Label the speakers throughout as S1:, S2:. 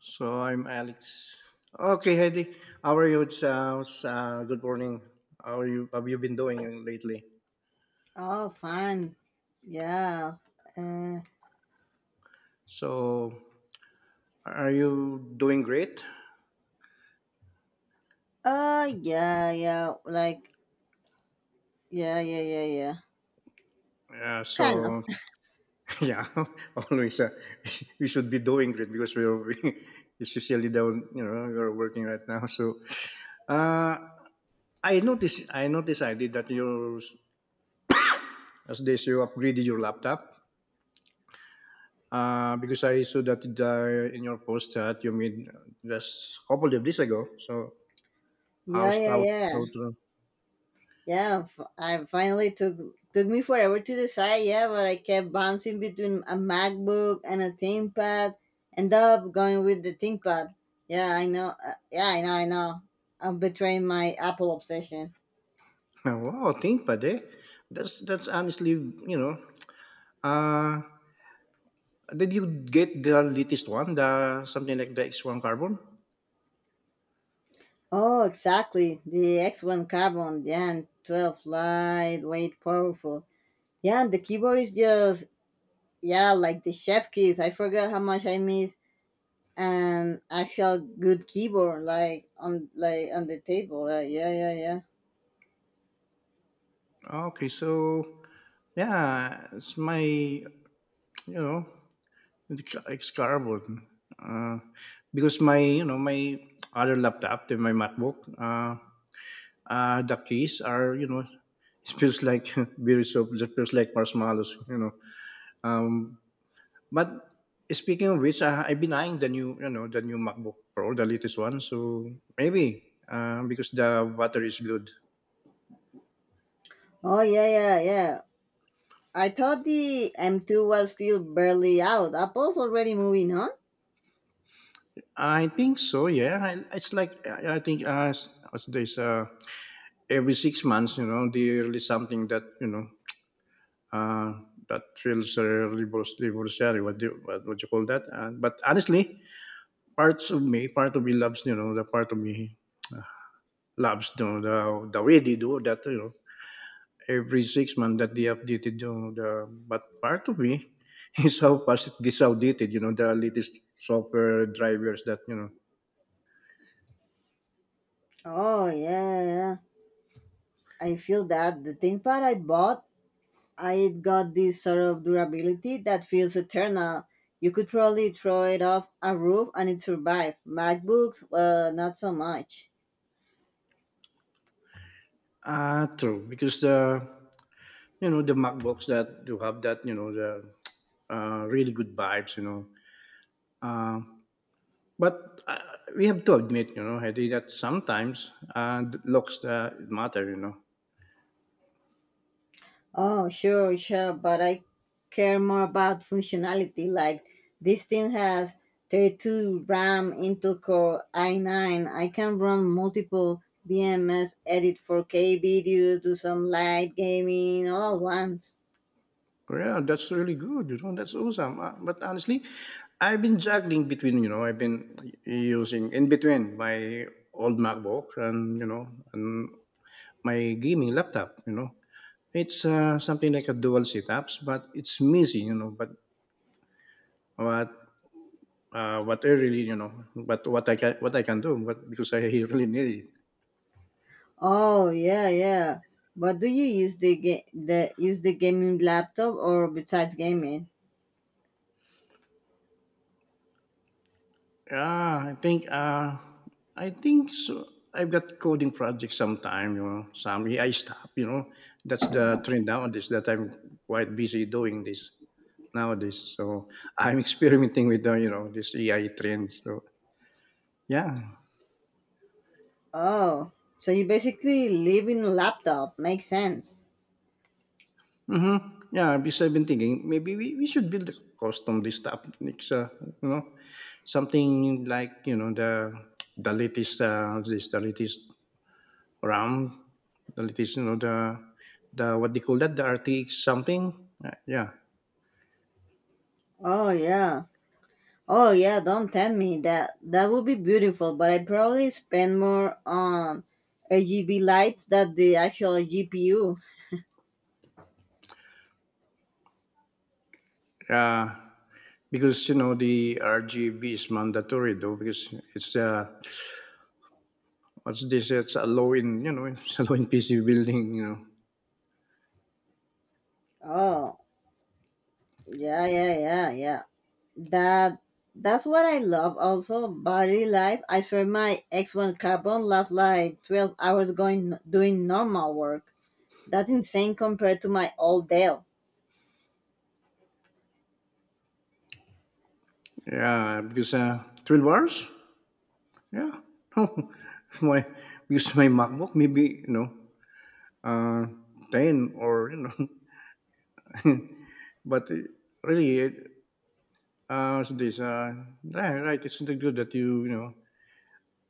S1: So I'm Alex. Okay, Heidi. How are you? It's good morning. How are you? Have you been doing lately?
S2: Oh, fun. Yeah. Uh,
S1: So are you doing great?
S2: oh, yeah, yeah. Like, yeah, yeah, yeah, yeah.
S1: Yeah.
S2: Kind of.
S1: So yeah, always. We should be doing great because we're we, it's usually down. You know, we're working right now. So uh, I noticed. I noticed. I did that. You as this you upgraded your laptop. Because I saw that in your post that you made just a couple of days ago. So
S2: Yeah,
S1: how's
S2: yeah, yeah.
S1: how to
S2: Yeah, f- I finally took me forever to decide, yeah, but I kept bouncing between a MacBook and a ThinkPad, end up going with the ThinkPad. Yeah, I know. Yeah, I know. I'm betraying my Apple obsession.
S1: wow, ThinkPad, eh? That's honestly, you know. Uh did you get the latest one, the something like the X1 Carbon?
S2: Oh, exactly. The X1 Carbon, yeah, and 12 lightweight, powerful. Yeah, and the keyboard is just yeah, like the chef keys. I forgot how much I miss an actual good keyboard, like on the table. Like, yeah, yeah, yeah.
S1: Okay, so yeah, it's my know the X Carbon. Uh, because my my other laptop, my MacBook. The keys are, it feels like berry soup. It feels like marshmallows, um, but speaking of which, I've been eyeing the new, MacBook Pro, the latest one, so maybe because the water is good.
S2: Oh yeah, yeah, yeah. I thought the M2 was still barely out. Apple's already moving on.
S1: I think so, yeah, it's like I think, as there's, every 6 months, you know, they release something that, uh, that feels, revolutionary. What do you, what would you call that, but honestly, part of me loves, the part of me loves, the way they do that, every 6 months that they updated, but part of me is how fast it gets outdated, the latest software drivers that,
S2: Oh yeah, yeah. I feel that the ThinkPad I bought, I got this sort of durability that feels eternal. You could probably throw it off a roof and it survived. MacBooks, well, not so much.
S1: ah, true, because the MacBooks that do have that, the really good vibes, uh, but we have to admit, Heidi, that sometimes looks matter, you know.
S2: Oh, sure, sure, but I care more about functionality. Like this thing has 32 RAM Intel Core i9. I can run multiple BMS, edit 4K videos, do some light gaming all at once.
S1: Yeah, that's really good. You know, that's awesome. But honestly, I've been juggling between. I've been using in between my old MacBook and, and my gaming laptop. It's something like a dual setups, but it's messy. But what, what I really, but what I can do, but because I really need it.
S2: Oh, yeah, yeah. But do you use the ga- the use the gaming laptop or besides gaming?
S1: Yeah, I think so. I've got coding projects sometime. Some I stop. That's the trend nowadays that I'm quite busy doing this nowadays. So I'm experimenting with this AI trend. So yeah,
S2: Oh, so you basically live in a laptop. Makes sense.
S1: mm-hmm. Yeah. Because I've been thinking maybe we should build a custom this stuff next, you know, something like the latest, this the latest around the latest, the what they call that, the RTX something. Yeah,
S2: Oh, yeah. Oh yeah, don't tell me that. That would be beautiful, but I probably spend more on RGB lights than the actual GPU.
S1: uh, because the RGB is mandatory, though, because it's, what's this? It's a low in, it's a low in PC building, you know.
S2: Oh yeah, yeah, yeah, yeah. That that's what I love. Also, battery life. I swear, my X1 Carbon lasts like 12 hours going doing normal work. That's insane compared to my old Dell.
S1: Yeah, because 12 hours. Yeah, my, because my MacBook maybe, uh, 10 or, you know, but really. So this, right, right, it's not good that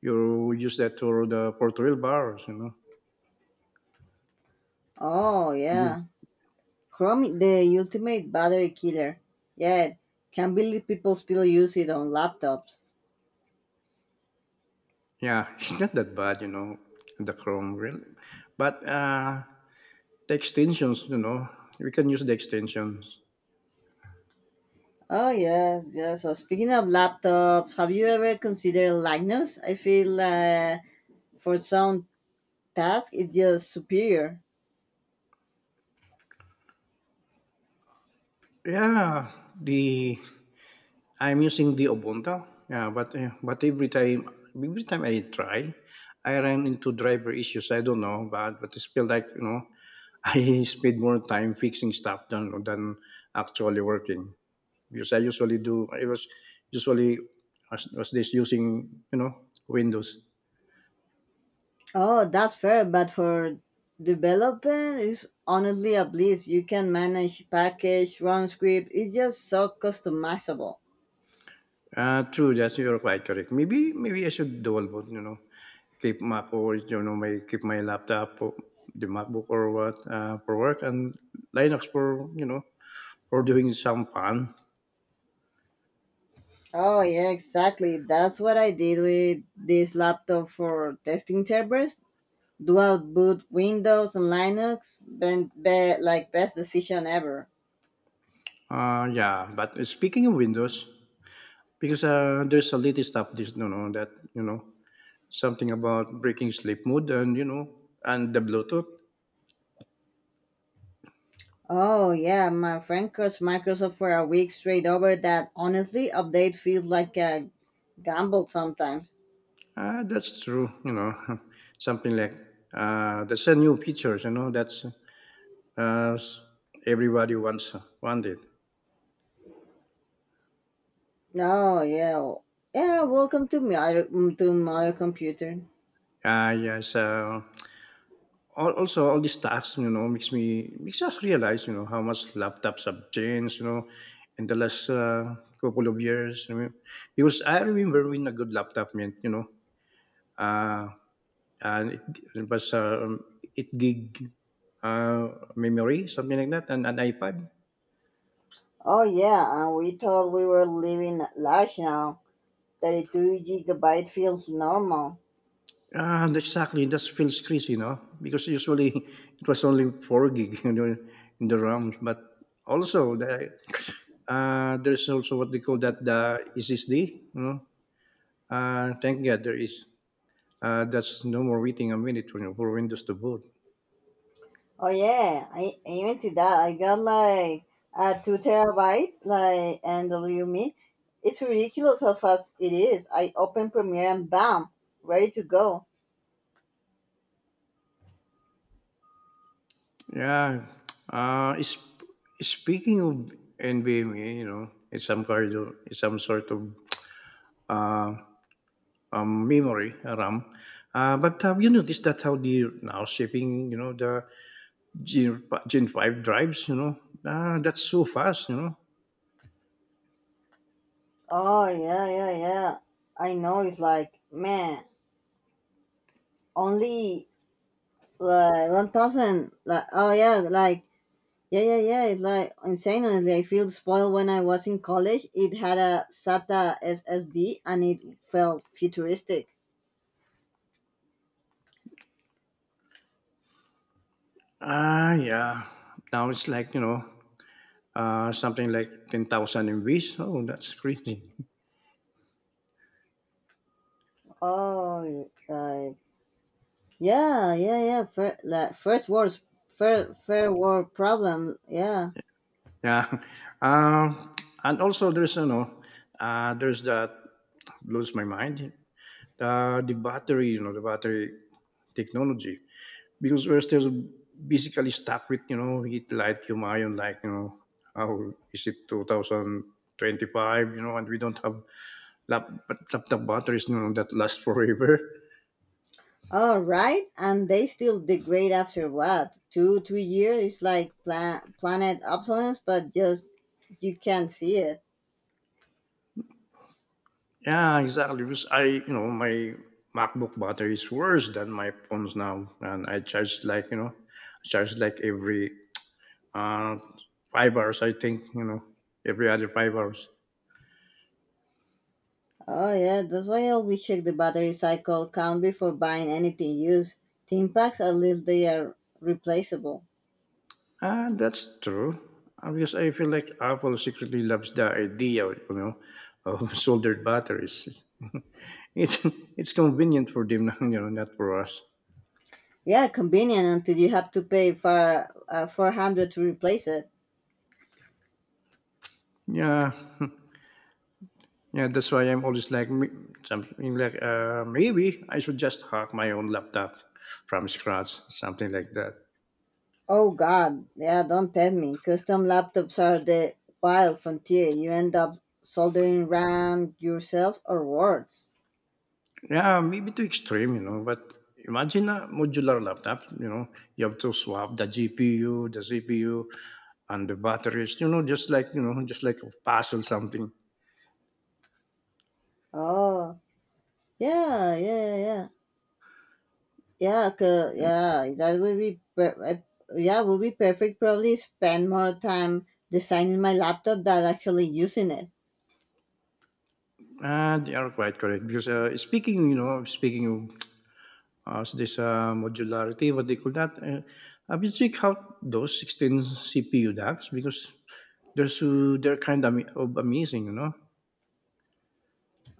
S1: you use that for the for to wheelbarrows, you know?
S2: Oh
S1: You
S2: yeah, Chrome, the ultimate battery killer. Yeah, can't believe people still use it on laptops.
S1: Yeah, it's not that bad, the Chrome really. But, the extensions, we can use the extensions.
S2: Oh yes, yes. So speaking of laptops, have you ever considered Linux? I feel for some tasks it's just superior.
S1: Yeah, the I'm using the Ubuntu. Yeah, but every time I try, I ran into driver issues. I don't know, but it's feel like, I spend more time fixing stuff than actually working. Because I usually do. I was usually was this using, Windows.
S2: Oh, that's fair, but for development it's honestly a bliss. You can manage package, run script. It's just so customizable.
S1: True, that's you're quite correct. Maybe I should double about, keep Mac, or, my laptop, or the MacBook, or what, for work, and Linux for, for doing some fun.
S2: Oh yeah, exactly. That's what I did with this laptop for testing servers. Dual boot Windows and Linux, like best decision ever.
S1: Yeah, but speaking of Windows, because, there's a latest update, that, something about breaking sleep mode, and, and the Bluetooth.
S2: Oh yeah, my friend cursed Microsoft for a week straight over that. Honestly, update feels like a gamble sometimes.
S1: Ah, that's true. Something like, that's a new features. That's, uh, s- everybody wants wanted.
S2: Oh yeah. Yeah, welcome to to my other computer.
S1: Ah, yes. So, also, all these tasks, makes us realize, how much laptops have changed, in the last, couple of years. I mean, because I remember when a good laptop meant, uh, and it was, 8 gig, uh, memory, something like that, and an iPad.
S2: Oh yeah, and we thought we were living large now. 32 gigabyte feels normal.
S1: Ah, and exactly. That feels crazy, no? Because usually it was only 4 gig in the RAM. But also, there's also what they call that, the SSD, you know? Thank God there is. That's no more waiting a minute, for Windows to boot.
S2: Oh yeah, I even to that I got like a 2 terabyte like NVMe. It's ridiculous how fast it is. I open Premiere and bam, ready to go.
S1: Yeah. Uh, is, Speaking of NVMe, it's some sort of, uh, memory RAM. But have you noticed that how the now shipping, the Gen 5 drives, you know. Ah, that's so fast.
S2: Oh yeah, yeah, yeah. I know, it's like man, only like 1,000. Like oh yeah, like yeah, yeah, yeah. It's like insane. Honestly, I feel spoiled when I was in college. It had a SATA SSD and it felt futuristic.
S1: Ah, yeah. Now it's like, something like 10,000 MVs. Oh, that's crazy.
S2: Oh, like yeah, yeah, yeah. Fair, like first world, fair world problem. Yeah.
S1: Yeah. Um, and also there's, that blows my mind. The battery, the battery technology. Because we're still basically stuck with, heat, light, ion, like, how is it 2025, and we don't have laptop batteries, that last forever.
S2: All right, and they still degrade after what, 2, 3 years? It's like planet obsolescence, but just you can't see it.
S1: Yeah, exactly. Because my MacBook battery is worse than my phones now, and I charge like every, uh, 5 hours. I think, every other 5 hours.
S2: Oh yeah, that's why I always check the battery cycle count before buying anything used. Tin packs, at least they are replaceable.
S1: And that's true. Because I feel like Apple secretly loves the idea, of soldered batteries. It's it's convenient for them, not for us.
S2: Yeah, convenient until you have to pay for 400 to replace it.
S1: Yeah, Yeah, that's why I'm always like, something like, maybe I should just hack my own laptop from scratch, something like that.
S2: Oh God, yeah, don't tell me. Custom laptops are the wild frontier. You end up soldering RAM yourself or worse.
S1: Yeah, maybe too extreme. But imagine a modular laptop. You have to swap the GPU, the CPU, and the batteries. Just like a puzzle something.
S2: Oh, Yeah, yeah, yeah, yeah. Yeah, 'cause- yeah, that would be per- I- yeah, Would be perfect. Probably spend more time designing my laptop than actually using it.
S1: And you are quite correct because, speaking of, this, modularity, what they call that. Have you checked out those 16 CPU DACs? Because they're kind of, amazing.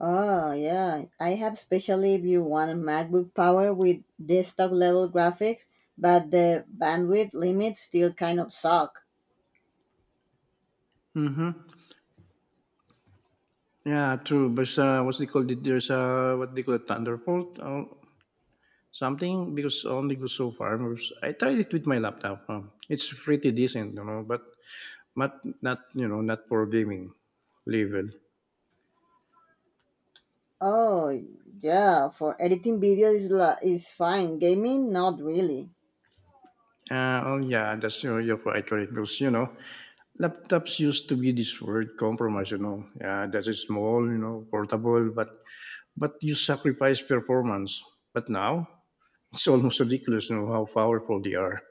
S2: Oh yeah, I have, especially if you want a MacBook Power with desktop level graphics, but the bandwidth limits still kind of suck.
S1: Mm-hmm. Yeah, true. But what's they call it? There's a what they call it, Thunderbolt or something, because I only goes so far. Because I tried it with my laptop. Huh. It's pretty decent, but not, not for gaming level.
S2: Oh yeah, for editing videos is fine. Gaming, not really.
S1: Oh yeah, that's, you're right, right. Because, laptops used to be this word compromise. Yeah, that is small, portable, but you sacrifice performance. But now it's almost ridiculous, how powerful they are.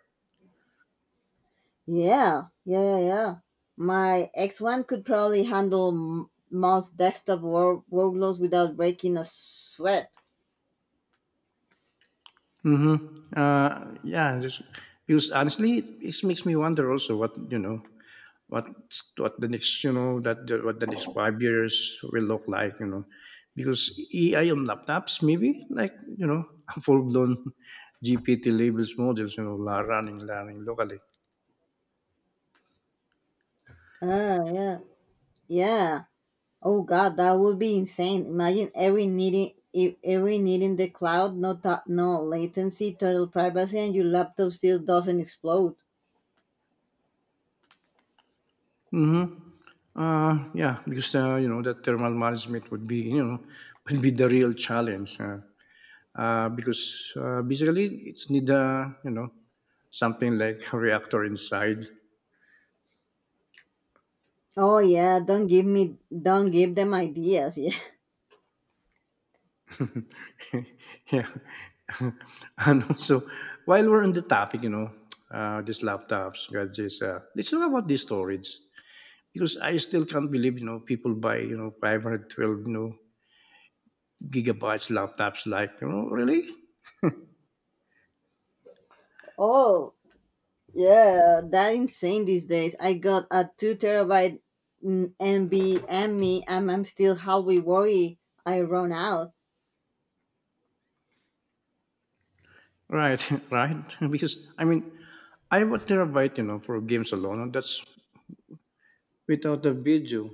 S2: Yeah, yeah, yeah, yeah. My X1 could probably handle most desktop workloads without breaking a sweat.
S1: Mm-hmm. Yeah, just because honestly, it makes me wonder also what, what what the next, what the next 5 years will look like, because AI on laptops maybe, like full blown GPT labels models, running learning locally.
S2: Ah, yeah, yeah. Oh God, that would be insane. Imagine every needing the cloud, no latency, total privacy, and your laptop still doesn't explode.
S1: Mm-hmm. Yeah, because, you know that thermal management would be, would be the real challenge. Because, basically it's need a, something like a reactor inside.
S2: Oh yeah, don't give them ideas. Yeah.
S1: Yeah, and also, while we're on the topic, these laptops, gadgets, let's talk about the storage, because I still can't believe, people buy, 512, gigabytes laptops, like, really.
S2: Oh, yeah, that insane these days. I got a 2 terabyte MB and me, and I'm still halfway worried I run out.
S1: Right. Right. Because I mean, I have a terabyte, for games alone, and that's without a video.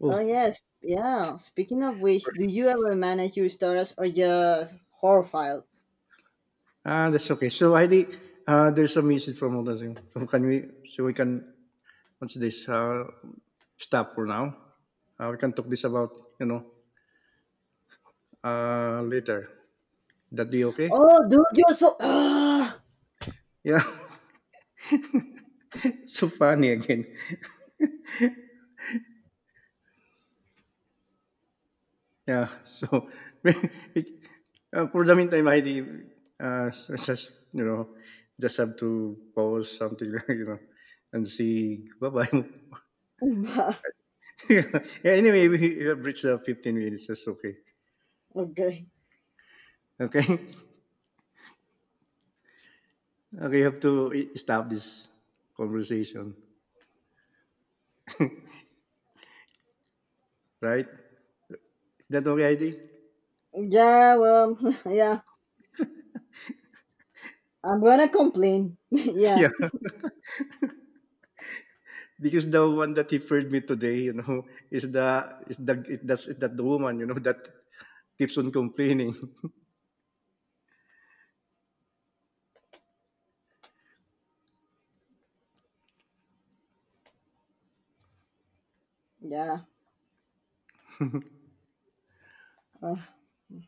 S1: Oh.
S2: Oh yes, yeah. Speaking of which, do you ever manage your storage or just horror files?
S1: Ah, that's okay. So I think, there's a message from Alden. So can we? So we can. What's this? Stop for now. We can talk this about, you know later. That be okay?
S2: Oh, dude, you're so. Ah.
S1: Yeah. So funny again. Yeah. So for the meantime, I think, so just you know just have to pause something and see, bye bye. Yeah, anyway, we have reached the 15 minutes. That's okay.
S2: Okay.
S1: Okay. Okay, you have to stop this conversation, right? That okay, ID?
S2: Yeah, well, yeah. I'm gonna complain. yeah,
S1: Yeah, because the one that he referred me today, is the that's that the woman, that keeps on complaining.
S2: yeah.